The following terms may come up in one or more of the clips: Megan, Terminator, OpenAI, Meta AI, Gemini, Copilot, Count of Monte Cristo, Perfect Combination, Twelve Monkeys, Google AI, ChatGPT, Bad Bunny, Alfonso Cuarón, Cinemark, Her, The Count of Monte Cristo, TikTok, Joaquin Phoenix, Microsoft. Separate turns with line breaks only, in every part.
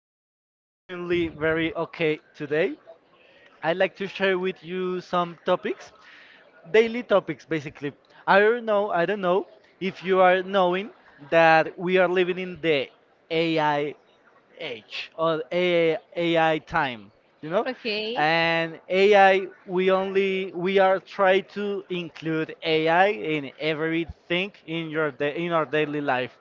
you are extremely very okay today. I'd like to share with you some topics, daily topics basically. I don't know if you are knowing that we are living in the AI age or AI, time, you know?
Okay.
And AI, we are trying to include AI in
Every.
everything in your da in our daily life.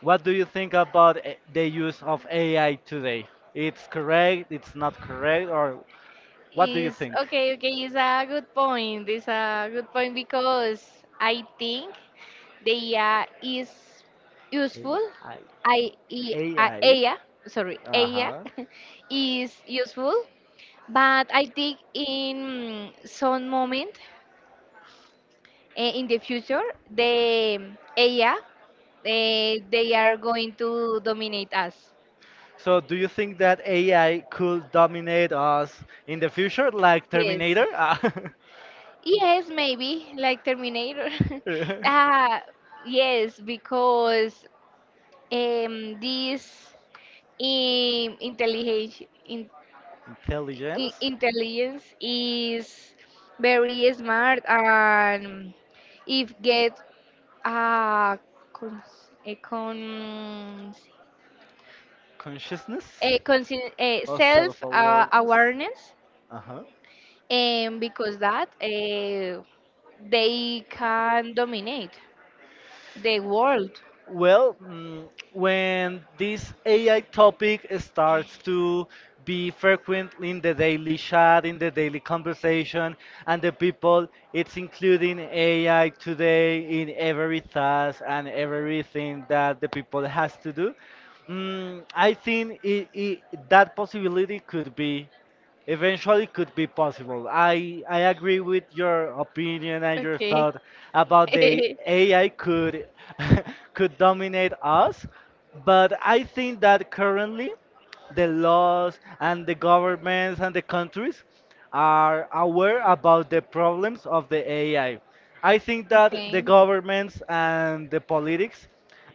What do you think about the use of AI today? It's correct, it's not correct, or what do you
Is think?
think?
Okay, okay, it's a good point. It's a good point because I think the AI is useful.
AI.
I,
AI.
AI, sorry, AI
Uh-huh.
is useful, but I think in some moment in the future, the AI, they are going to dominate us.
So, do you think that AI could dominate us in the future, like
Yes.
Terminator? Ah.
Yes, maybe like Terminator.
Yeah.
Ah, yes, because this um, intelligence in,
Intelligence?
intelligence is very smart, and if get uh, cons- a con
Consciousness
a, con- a
or self
self
awareness?
awareness,
Uh huh.
and because that they can dominate the world.
Well, when this AI topic starts to be frequent in the daily chat, in the daily conversation, and the people, it's including AI today in every task and everything that the people has to do. I think I that possibility could be eventually could be possible. I agree with your opinion and your
Okay.
thought about the
Okay.
AI could could dominate us, but I think that currently the laws and the governments and the countries are aware about the problems of the AI. I think that the governments and the politics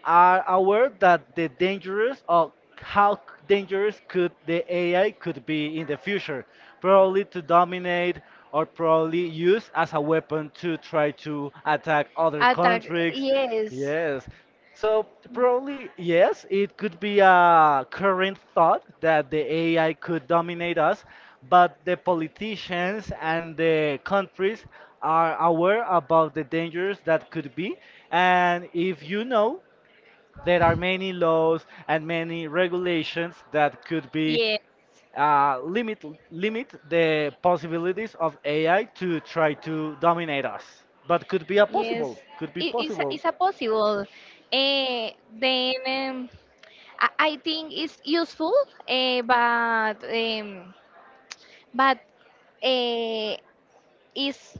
are aware that the dangerous or dangerous could the AI could be in the future, probably to dominate or probably use as a weapon to try to attack other
Attack.
countries.
Yes.
Yes. So probably yes, it could be a current thought that the AI could dominate us, but the politicians and the countries are aware about the dangers that could be. And if you know, there are many laws and many regulations that could be
Yes.
limit limit the possibilities of AI to try to dominate us. But could be a
Yes,
possible, could be
it, it's,
possible.
it's a possible. Then I think it's useful, uh, but um, but uh, it's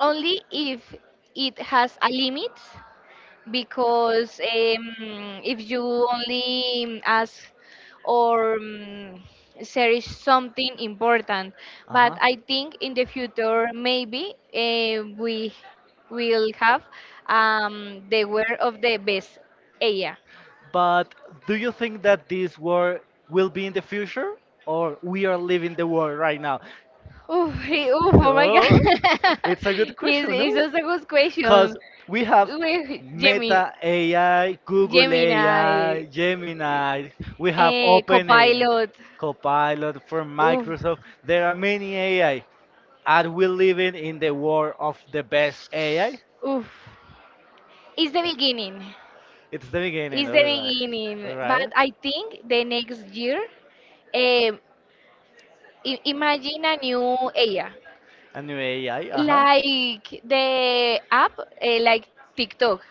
only if it has a limit. Because if you only ask or search something important.
Uh
But
huh.
I think in the future, maybe we will have the word of the best AI.
But do you think that this war will be in the future, or we are living the war right now?
Oof, oof, oh my
Oh,
god,
it's a good
it's,
question,
it's
no?
just a good
Because
question.
we have
With Gemini.
Meta AI, Google AI,
Gemini.
Gemini, we have OpenAI.
Copilot.
Copilot from
Oof,
Microsoft. There are many AI. Are we living in the world of the best AI?
oof. It's the beginning.
It's the beginning,
It's
all
the
right.
beginning.
All
But
right.
I think the next year, um, imagine a new area,
A new AI, uh-huh.
like the app, like TikTok.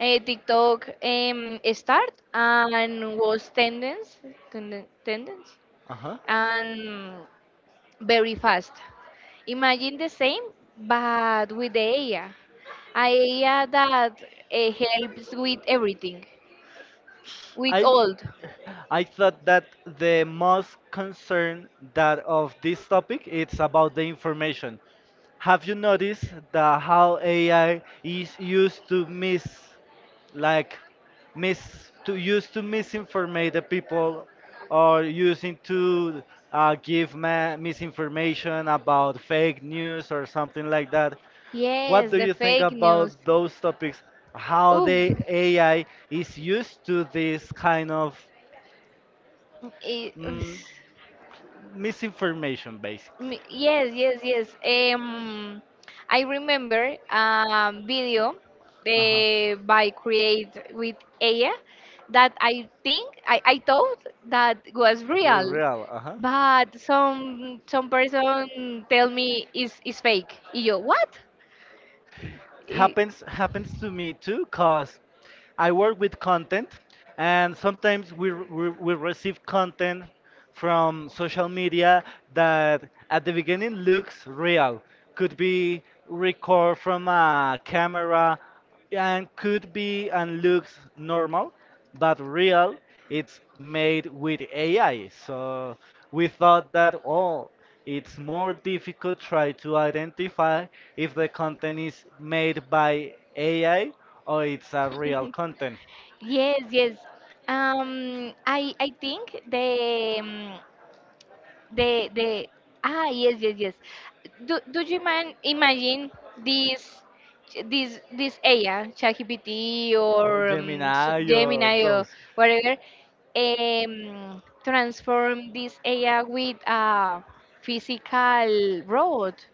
TikTok start and was tendence, tendence,
Uh-huh.
and very fast. Imagine the same, but with the AI. AI that helps with everything, with
I
all.
I thought that the most concern that of this topic it's about the information. Have you noticed that how AI is used to miss like mis to use to misinformate the people or using to give misinformation about fake news or something like that. What
Yes,
do
the
you think
fake news.
about those topics? How
Oof,
the AI is used to this kind of
it,
mm, misinformation, basically?
Yes, yes, yes. I remember a video
Uh-huh.
by Create with AI that I think, I thought that was
Well,
real,
real, uh-huh.
but some person tell me is fake. Y Yo, what? I-
Happens to me too, cause I work with content, and sometimes we receive content from social media that at the beginning looks real, could be record from a camera, and could be and looks normal, but real, it's made with AI. So we thought that, oh, it's more difficult try to identify if the content is made by AI or it's a real content.
Yes, yes. I think the ah yes, yes, yes. Do you man imagine this this AI ChatGPT
Oh,
or
Gemini or
Gemini, or
those.
whatever transform this AI with a physical robot,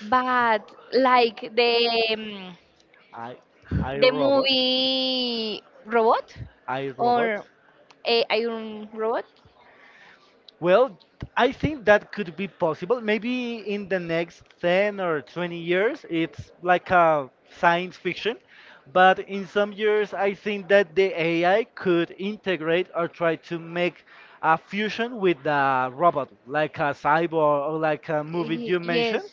but like um,
I, I
the
robot.
movie robot,
I robot.
or a Iron Robot.
Well, I think that could be possible. Maybe in the next 10 or 20 years, it's like a science fiction. But in some years, I think that the AI could integrate or try to make a fusion with the robot, like a cyborg or like a movie you mentioned.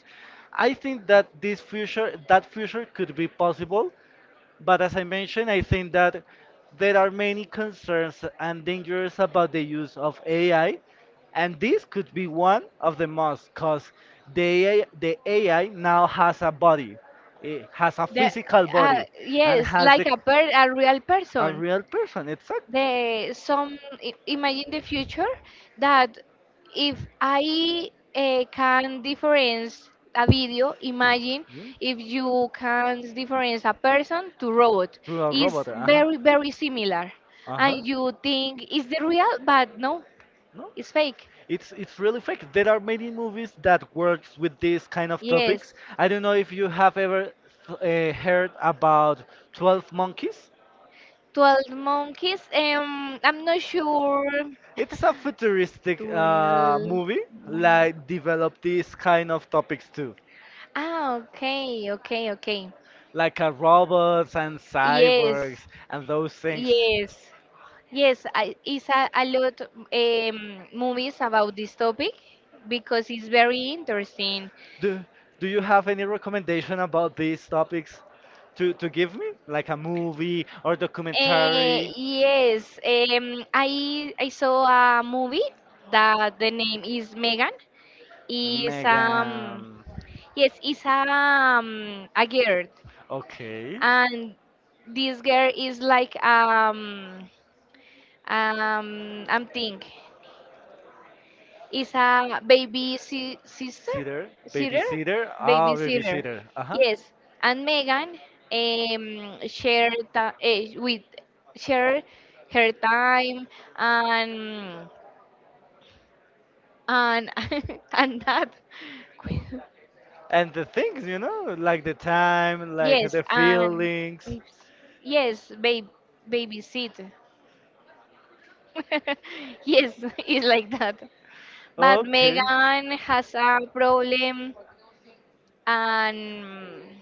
I think that this future that future could be possible, but as I mentioned, I think that there are many concerns and dangers about the use of AI, and this could be one of the most, because the AI now has a body, it has a
The
physical
body,
body, and
yes,
has
like
the
a real
a
person.
real person, exact.
the some Imagine the future, that if I can difference a video, imagine
Hmm?
if you can difference a person to robot.
To a
Is
robot, uh-huh.
very very similar,
Uh
and
huh.
you think is the real, but no,
No,
it's fake.
it's really fake. There are many movies that works with these kind of topics.
Yes,
I don't know if you have ever heard about 12 Monkeys.
Twelve Monkeys. I'm not sure.
It's a futuristic
Twelve
movie like develop
Monkeys.
these kind of topics too,
Ah, okay, okay, okay.
like robots and
Yes,
cyborgs and those things.
yes, yes. It's a lot movies about this topic because it's very interesting.
Do do you have any recommendation about these topics to give me, like a movie or
Uh,
documentary?
yes, I saw a movie that the name is Megan. Is
Megan.
Yes, it's a girl,
Okay.
and this girl is like I'm think is a baby si sister,
Sitter.
sitter,
Babysitter. Ah,
baby sitter.
babysitter. Uh huh.
Yes, and Megan shared with share her time, and and and that.
And the things, you know, like the time, like
Yes,
the
and
feelings.
Babes. Yes, babe, babysit. Yes, it's like that. But
Okay.
Megan has a problem, and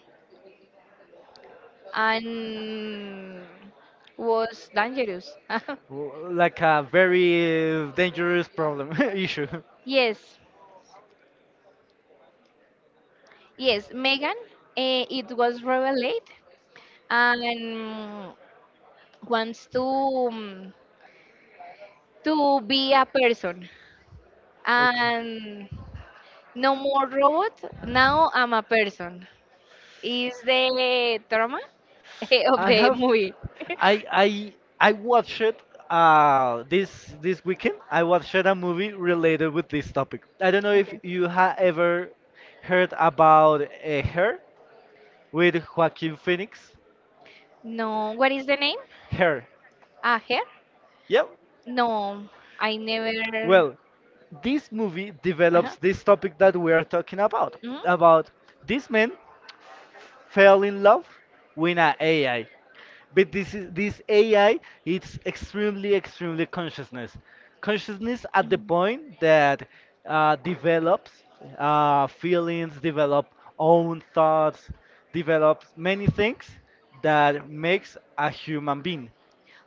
and was dangerous.
Like a very dangerous problem issue.
Yes, yes, Megan. It was revealed, and wants to be a person,
Okay.
and no more robot. Now I'm a person. Is the drama of
I
the
have,
movie.
I I I watched uh, this weekend. I watched a movie related with this topic. I don't know if you have ever heard about Her with Joaquin Phoenix.
No, what is the name?
Her.
Ah, her?
Yep.
No, I never.
Well, this movie develops
Uh-huh.
this topic that we are talking about.
Mm?
About this man fell in love with an AI. But this AI it's extremely, extremely consciousness. Consciousness at the point
Mhm.
that develops feelings, develop own thoughts, develops many things that makes a human being.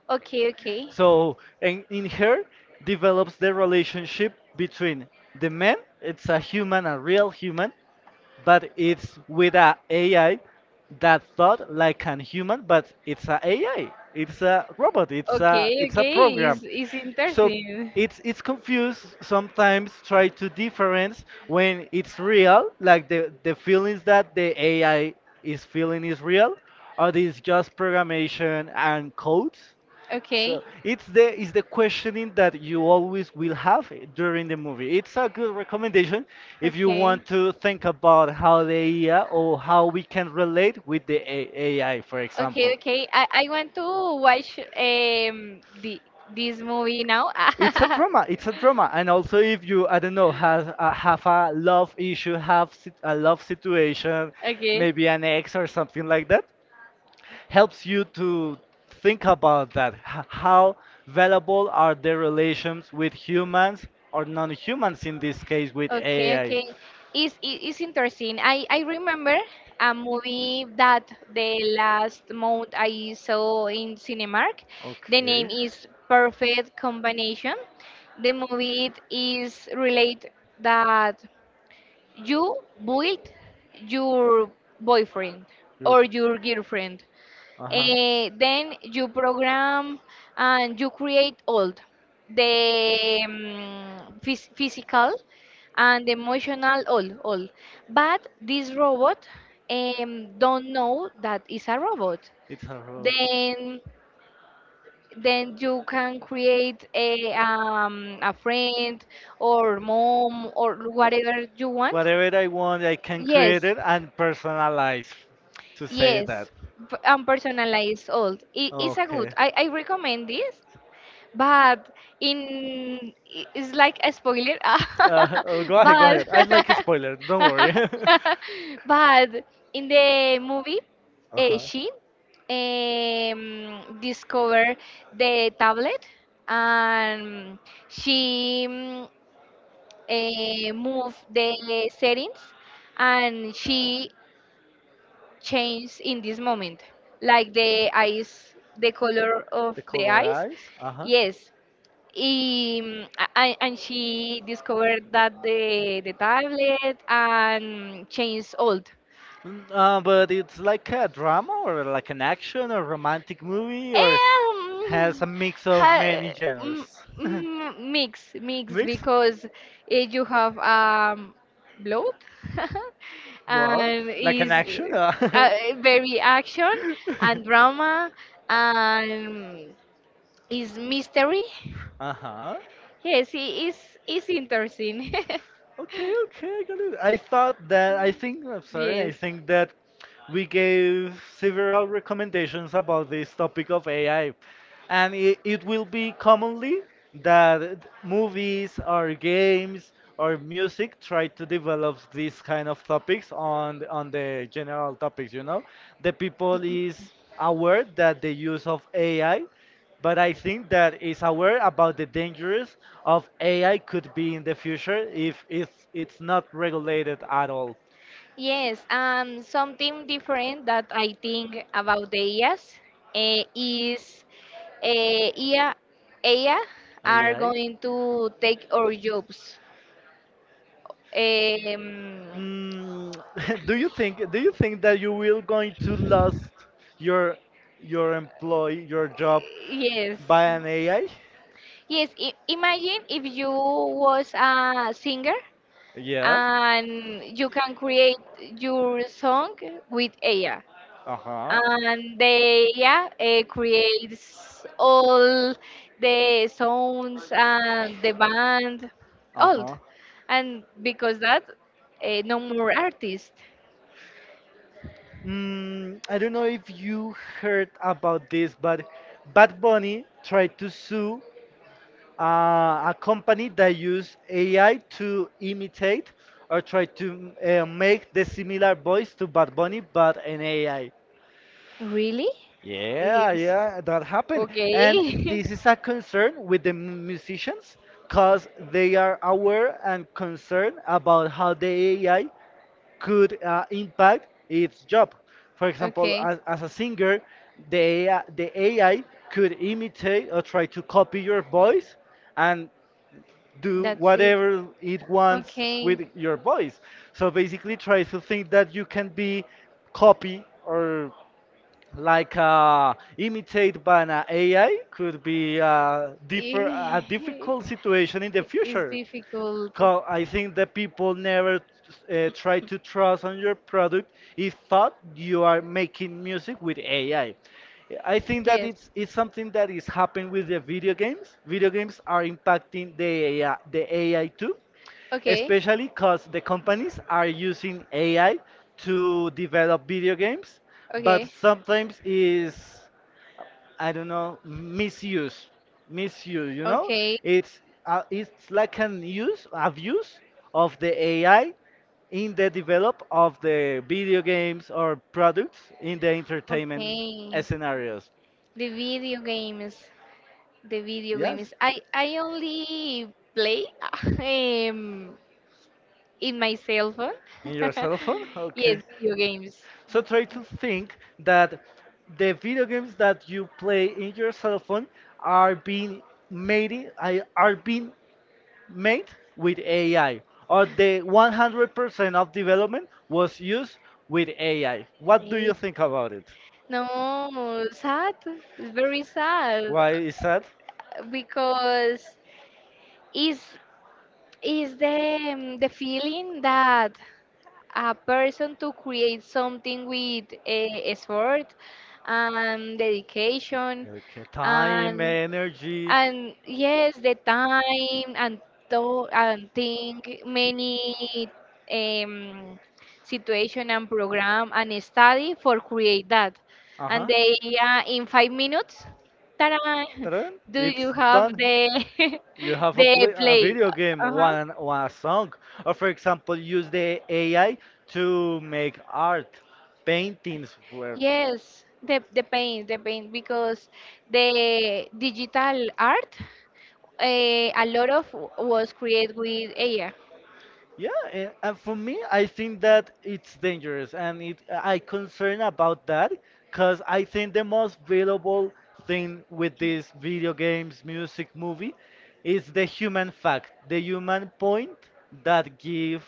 Okay, okay.
So, and in Her develops the relationship between the man, it's a human, a real human, but it's with a AI that thought like an human, but it's a AI. It's a robot. It's a
Okay,
it's a
okay. It's,
program.
it's
So
interesting.
it's confused sometimes try to difference when it's real, like the feelings that the AI is feeling is real, or this just programmation and codes. So
Okay,
it's the questioning that you always will have during the movie. It's a good recommendation if you
okay.
want to think about how the AI or how we can relate with the AI, for
Okay,
example.
okay. I want to watch this movie now.
It's a drama. It's a drama, and also if you I don't know have a love issue, have a love situation, maybe an ex or something like that, helps you to think about that. How valuable are the relations with humans or non humans in this case with
Okay,
AI?
okay. It's interesting. I remember a movie that the last month I saw in Cinemark. The name
Okay.
is Perfect Combination. The movie it is relate that you build your boyfriend
Your,
or your girlfriend.
uh huh.
Then you program, and you create all the physical and emotional, all but this robot don't know that it's a robot.
It's a lot.
Then then you can create a friend, or mom, or whatever you want.
Whatever I want, I can Yes, create
yes
it and personalize to say that.
Yes, and personalized old. It is a good.
Okay.
I recommend this. But it's like a spoiler,
Oh, go ahead, go
but
ahead. I'd like a spoiler. Don't worry.
but in the movie,
Uh-huh.
she discovered the tablet, and she moved the settings, and she changed in this moment, like the eyes, the color of the eyes.
eyes. Uh-huh.
Yes, um, and she discovered that the tablet, and changed old.
Mm, but it's like a drama or like an action or romantic movie or has a
Um,
mix
ha,
of many
mm,
genres.
Mix, mix,
mix?
because you have blood,
What?
and
Like an
is
action?
uh, very action, and drama, and is mystery.
Huh.
Yes, it is interesting.
Okay, okay, I got it. I thought that, I think, I'm sorry, I
Yes.
think that we gave several recommendations about this topic of AI. And it will be commonly that movies or games or music try to develop these kind of topics on on the general topics, you know, the people is aware that the use of ai, but I think that is aware about the dangers of ai could be in the future if it's not regulated at all.
Yes, something different that I think about the IAs is, uh, IA, AI are
ai.
going to take our jobs. Um,
Mm, do you think that you will going to lose your your job
yes,
by an AI?
yes. I imagine if you was a singer,
Yeah.
and you can create your song with AI,
Uh huh.
and they, yeah, creates all the sounds and the band
Uh
old,
huh.
and because that no more artist.
Mm, I don't know if you heard about this, but Bad Bunny tried to sue a company that used AI to imitate or try to make the similar voice to Bad Bunny, but an AI.
Really?
Yeah,
Is
yeah, that happened. And
Okay.
this is a concern with the musicians because they are aware and concerned about how the AI could impact its job. For example, as a singer, the AI, the AI could imitate or try to copy your voice and do
That's it.
whatever it wants with your voice. So basically, try to think that you can be copy or like imitated by an AI could be uh, a
Eh,
difficult situation in the
It's
future.
difficult.
Cause I think the people never try to trust on your product if thought you are making music with AI. I think that
Yes.
it's something that is happening with the video games. Video games are impacting the AI, the AI too,
Okay.
especially
Okay.
because the companies are using AI to develop video games, but
Okay.
sometimes is I don't know, misuse, misuse. You know,
Okay.
it's it's like an use, abuse of the AI in the develop of the video games or products in the entertainment scenarios.
The video games. The video
Yes,
games. I only play um in my cell phone.
in your cell phone.
Yes,
Okay.
video games.
So try to think that the video games that you play in your cell phone are being are being made with AI, or the 100% of development was used with AI. What do
Eh,
you think about it?
No, sad. It's very sad
Why is that?
because is is the feeling that a person to create something with a effort and dedication.
Your time,
and
energy.
And yes, the time, and thought, and think many um, situation, and program, and study for create that.
Uh
And
huh.
they, in 5 minutes, ta,
Ta-da,
do
It's
you have
done.
the
You have a
the
play a
play?
video game,
Uh-huh.
one song, or for example, use the AI to make art, paintings. Where
Yes, the paint, the paint, because the digital art, a lot of was created with AI.
yeah, and for me, I think that it's dangerous, and it I concern about that because I think the most valuable thing with these video games, music, movie, is the human fact, the human point that give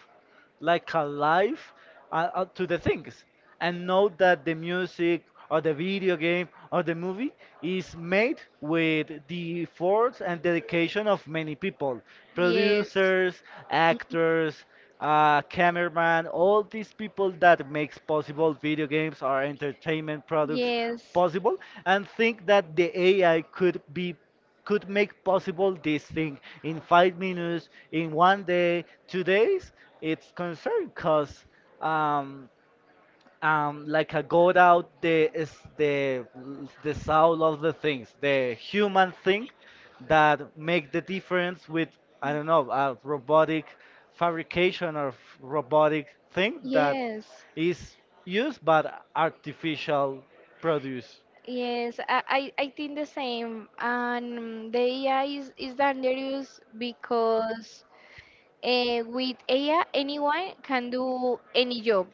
like alive to the things and know that the music or the video game or the movie is made with the efforts and dedication of many people, producers, actors, cameraman, all these people that makes possible video games or entertainment products
Yes.
possible. And think that the ai could be, could make possible this thing in 5 minutes, in one day, 2 days, it's concerned because um, like I got out the is the soul of the things, the human thing that make the difference with, I don't know, a robotic fabrication or robotic thing that
Yes,
is used but artificial produce.
yes, I think the same. And the AI is dangerous because, with AI, anyone can do any job.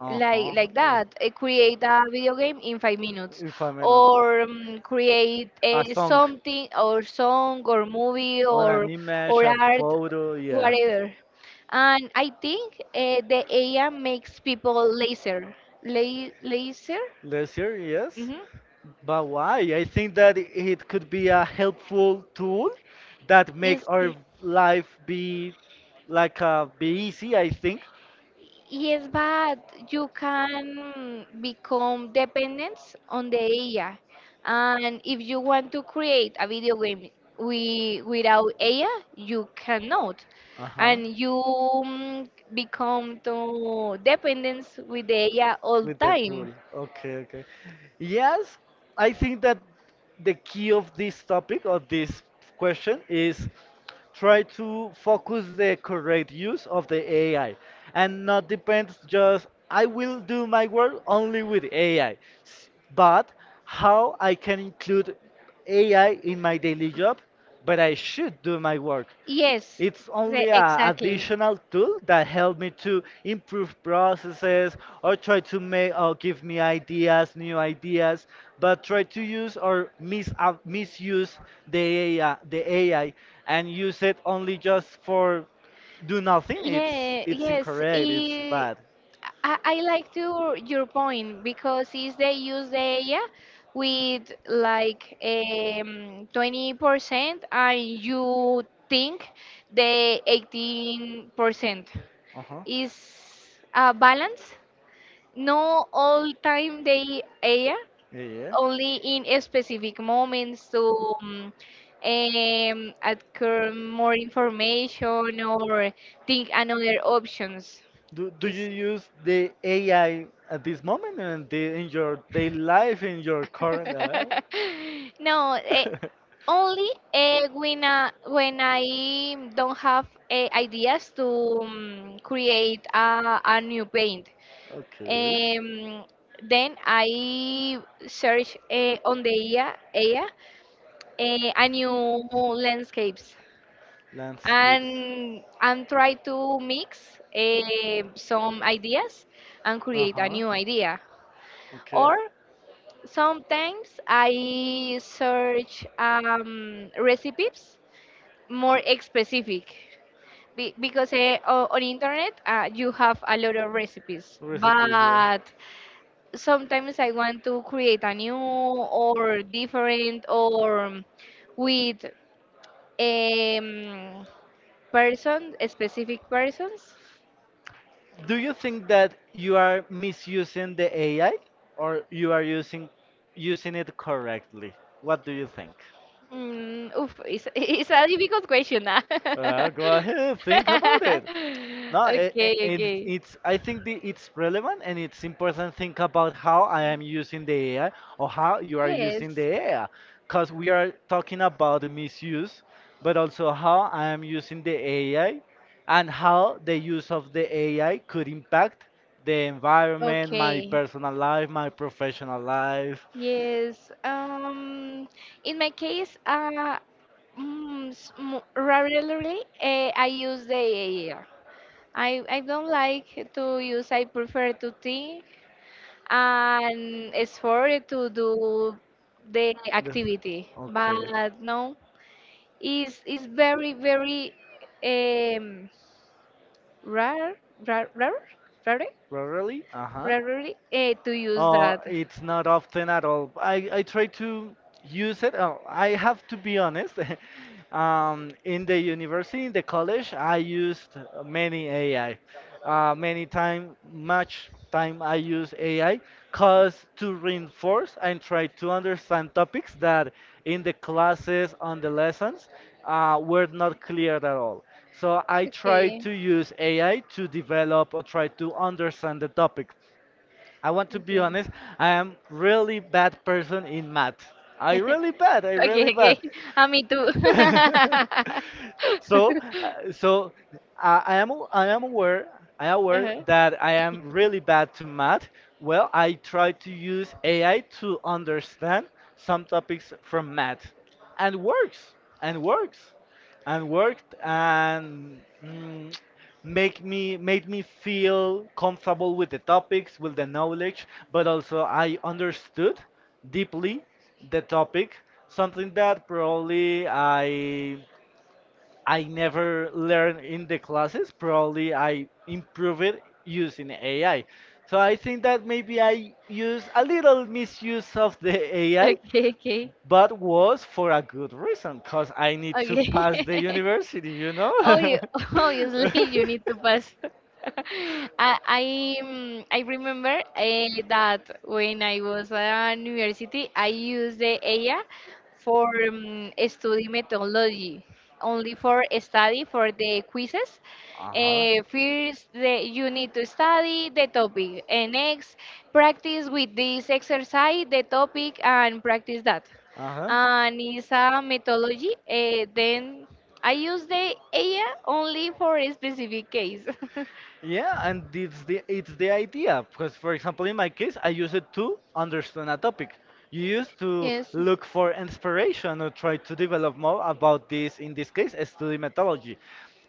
Uh
like
huh.
like that, create a video game in 5 minutes,
If I'm not.
or create
A
a
song
something, or song, or movie,
on an
or
image, a
art,
photo, yeah.
whatever. And I think, the AI makes people lazier. La- lazier
Last year, yes.
hmm
But why? I think that it could be a helpful tool that make
is
our life be like be easy, I think.
Yes, but you can become dependent on the AI. And if you want to create a video game without AI, you cannot.
Uh huh.
And you become to dependence with the AI all
With the
time.
tool. Okay, okay. Yes, I think that the key of this topic or this question is try to focus the correct use of the AI, and not depends just I will do my work only with AI, but how I can include AI in my daily job, but I should do my work.
Yes,
It's only an
exactly.
additional tool that help me to improve processes or try to make or give me ideas, new ideas, but try to use or misuse the AI, the AI, and use it only just for do nothing. It's
Yeah,
it's
yes,
incorrect. It's
i
bad.
I like to your point, because is they use the AI with like 20% and you think the 18%
Uh huh.
is a balance. No all time the AI,
Yeah, yeah.
only in a specific moments, to occur more information, or think another options.
Do you
Is,
use the AI at this moment and the, in your daily life, in your current? Uh?
no, only when I don't have ideas to create a new paint.
Okay.
Um, then I search, on the IA, and new landscapes,
Landscapes.
and try to mix, some ideas, and
Uh
create a
huh.
new idea.
Okay.
Or sometimes I search recipes more specific. Because, on internet, you have a lot of recipes,
Recipes, yeah.
but sometimes I want to create a new, or different, or with um, person, specific persons?
Do you think that you are misusing the AI, or you are using it correctly? What do you think?
Oof, it's, it's a difficult question. Ah.
Well, go ahead, think about it. No,
Okay,
it, it,
okay.
it's. I think it's relevant and it's important. Think about how I am using the AI, or how you are
Yes.
using the AI, because we are talking about the misuse, but also how I am using the AI and how the use of the AI could impact the environment, my
Okay.
personal life, my professional life.
Yes. In my case, rarely, I don't like to use. I prefer to think and effort to do the
The-
activity.
Okay.
But no, it's very, very um, rare, rare, rare, rare,
Really? Uh-huh.
rarely, to use that.
It's not often at all. I try to use it. Oh, I have to be honest. In the university, in the college, I used many AI. Many time, much time I use AI, cause to reinforce and try to understand topics that in the classes on the lessons were not clear at all. So I try
Okay,
to use AI to develop or try to understand the topic. I want to be
okay.
honest. I am really bad person in math. I really bad. I
Okay,
really bad.
okay. Me too.
so, so I am aware, I am aware
Uh-huh.
that I am really bad to math. Well, I try to use AI to understand some topics from math, and works and works and worked and make me made me feel comfortable with the topics with the knowledge, but also I understood deeply the topic, something that probably I never learned in the classes, probably I improve it using ai. So I think that maybe I use a little misuse of the ai,
Okay, okay,
but was for a good reason, cause I need to
okay.
pass the university, you know.
Oh, you, obviously you need to pass. I I, I remember, that when I was at university, I used the AI for study methodology, only for study for the quizzes.
Uh huh.
First, you need to study the topic, and next, practice with this exercise the topic, and practice that,
Uh huh.
and it's a methodology. Then I use the AI only for a specific case.
Yeah, and it's the idea because, for example, in my case, I use it to understand a topic. You used to
Yes.
look for inspiration or try to develop more about this. In this case, a study methodology,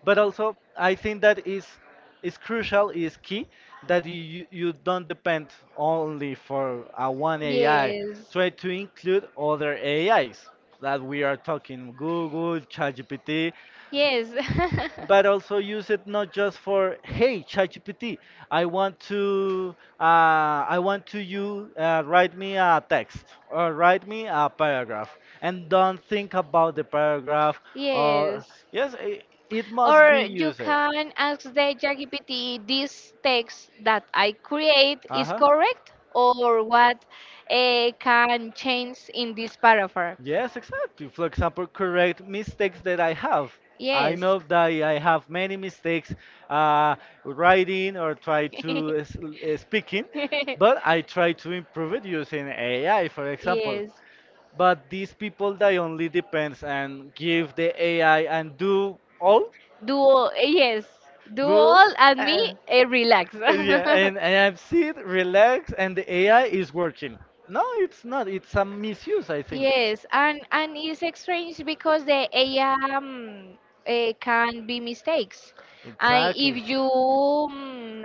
but also I think that is crucial, is key that you don't depend only for a one AI.
Yes.
Try to include other AIs that we are talking Google, ChatGPT,
Yes.
but also use it not just for hey ChatGPT, I want to uh, I want to you write me a text or write me a paragraph, and don't think about the paragraph. Uh,
Yes.
yes, it must be
Or you
used.
can ask the ChatGPT, this text that I create
Uh
is
huh.
correct, or what can change in this paragraph?
Yes, exactly. For example, correct mistakes that I have. I
Yes.
know that I have many mistakes uh, writing or try to speaking, but I try to improve it using AI, for example.
Yes.
But these people that only depends and give the AI and do all,
Do all, yes, do
do
all and
uh,
me, relax.
yeah, and I'm sit, relaxed, and the AI is working. No, it's not. It's a misuse, I think.
Yes, and it's strange because the AI, can be mistakes, and
Exactly.
if you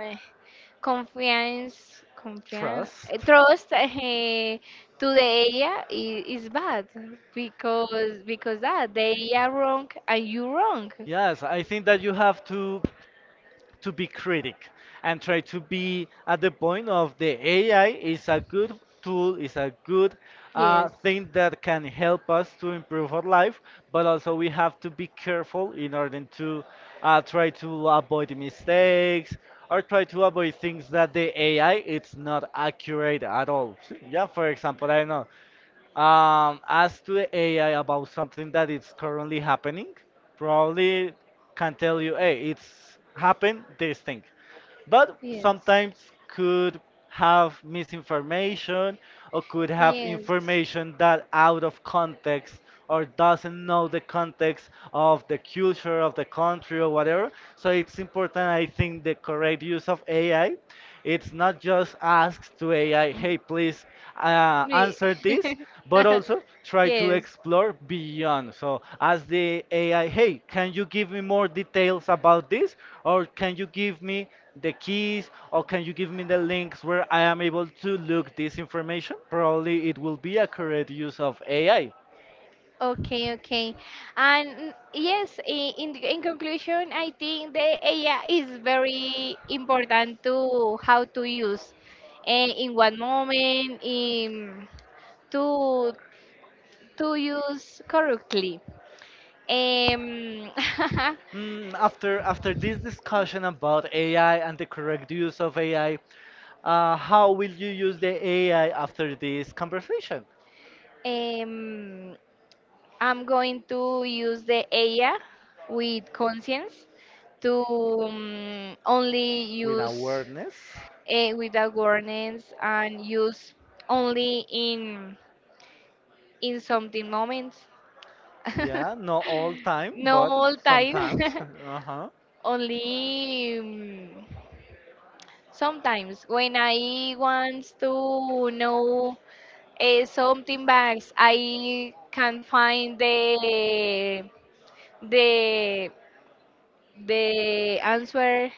confiance, confiance,
Trust.
trust, to the AI is bad, because that the AI wrong, and you wrong.
Yes, I think that you have to be critic and try to be at the point of the AI is a good tool, is a good
Yes.
thing that can help us to improve our life, but also we have to be careful in order to try to avoid mistakes or try to avoid things that the AI it's not accurate at all. Yeah, for example, I know, ask to the AI about something that is currently happening, probably can tell you, hey, it's happened this thing. But sometimes
Yes.
could have misinformation or could have
Yes.
information that out of context or doesn't know the context of the culture of the country or whatever. So it's important I think the correct use of AI. It's not just ask to AI, hey please answer this, but also try to explore beyond. So ask the AI, hey, can you give me more details about this? Or can you give me the keys? Or can you give me the links where I am able to look this information? Probably it will be a correct use of AI.
Okay, okay. And yes, in conclusion, I think the AI is very important to how to use, and in one moment, in to to use correctly. Um,
Mm, after this discussion about AI and the correct use of AI, how will you use the AI after this conversation?
um, I'm going to use the AI with conscience, to only
With
use,
awareness.
without warnings, and use only in something moments.
Yeah, not all time,
No
but
all time,
sometimes. Uh-huh.
only sometimes when I want to know, something bags I can find the the answer,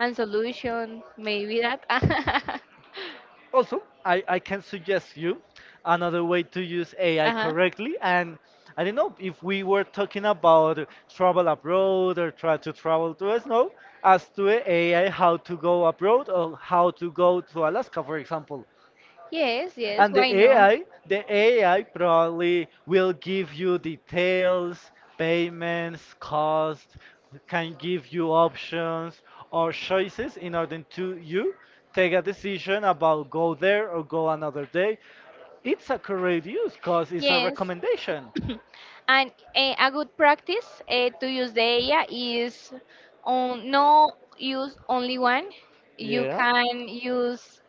and solution maybe that.
Also, I can suggest you another way to use AI
Uh-huh.
correctly. And I don't know if we were talking about travel abroad or try to travel to us, no, as to AI how to go abroad or how to go to Alaska, for example.
Yes, yes,
And the
why not?
AI, the AI probably will give you details, payments, cost, can give you options or choices in order to you take a decision about go there or go another day. It's a correct use because it's a
Yes,
recommendation.
and a good practice, to use the AI is on no use only one. You
Yeah.
can use,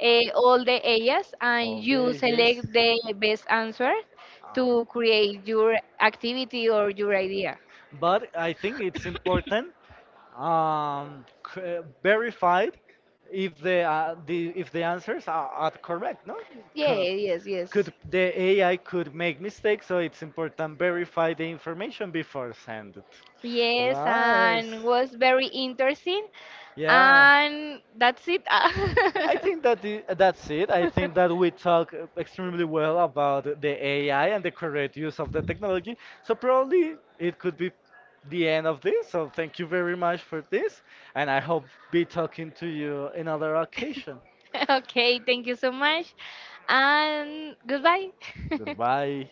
all the areas, and
All
you
day, yes.
select the best answer, to create your activity or your idea.
But I think it's important um, verified if the, if the answers are correct. No.
Yeah,
Co-
yes, yes.
could the AI could make mistakes, so it's important verify the information before send it.
Yes,
Nice.
and was very interesting.
Yeah.
And that's it.
I think that that's it. I think that we talk extremely well about the AI and the correct use of the technology. So probably it could be the end of this. So thank you very much for this, and I hope be talking to you another occasion.
Okay, thank you so much. And goodbye.
Goodbye.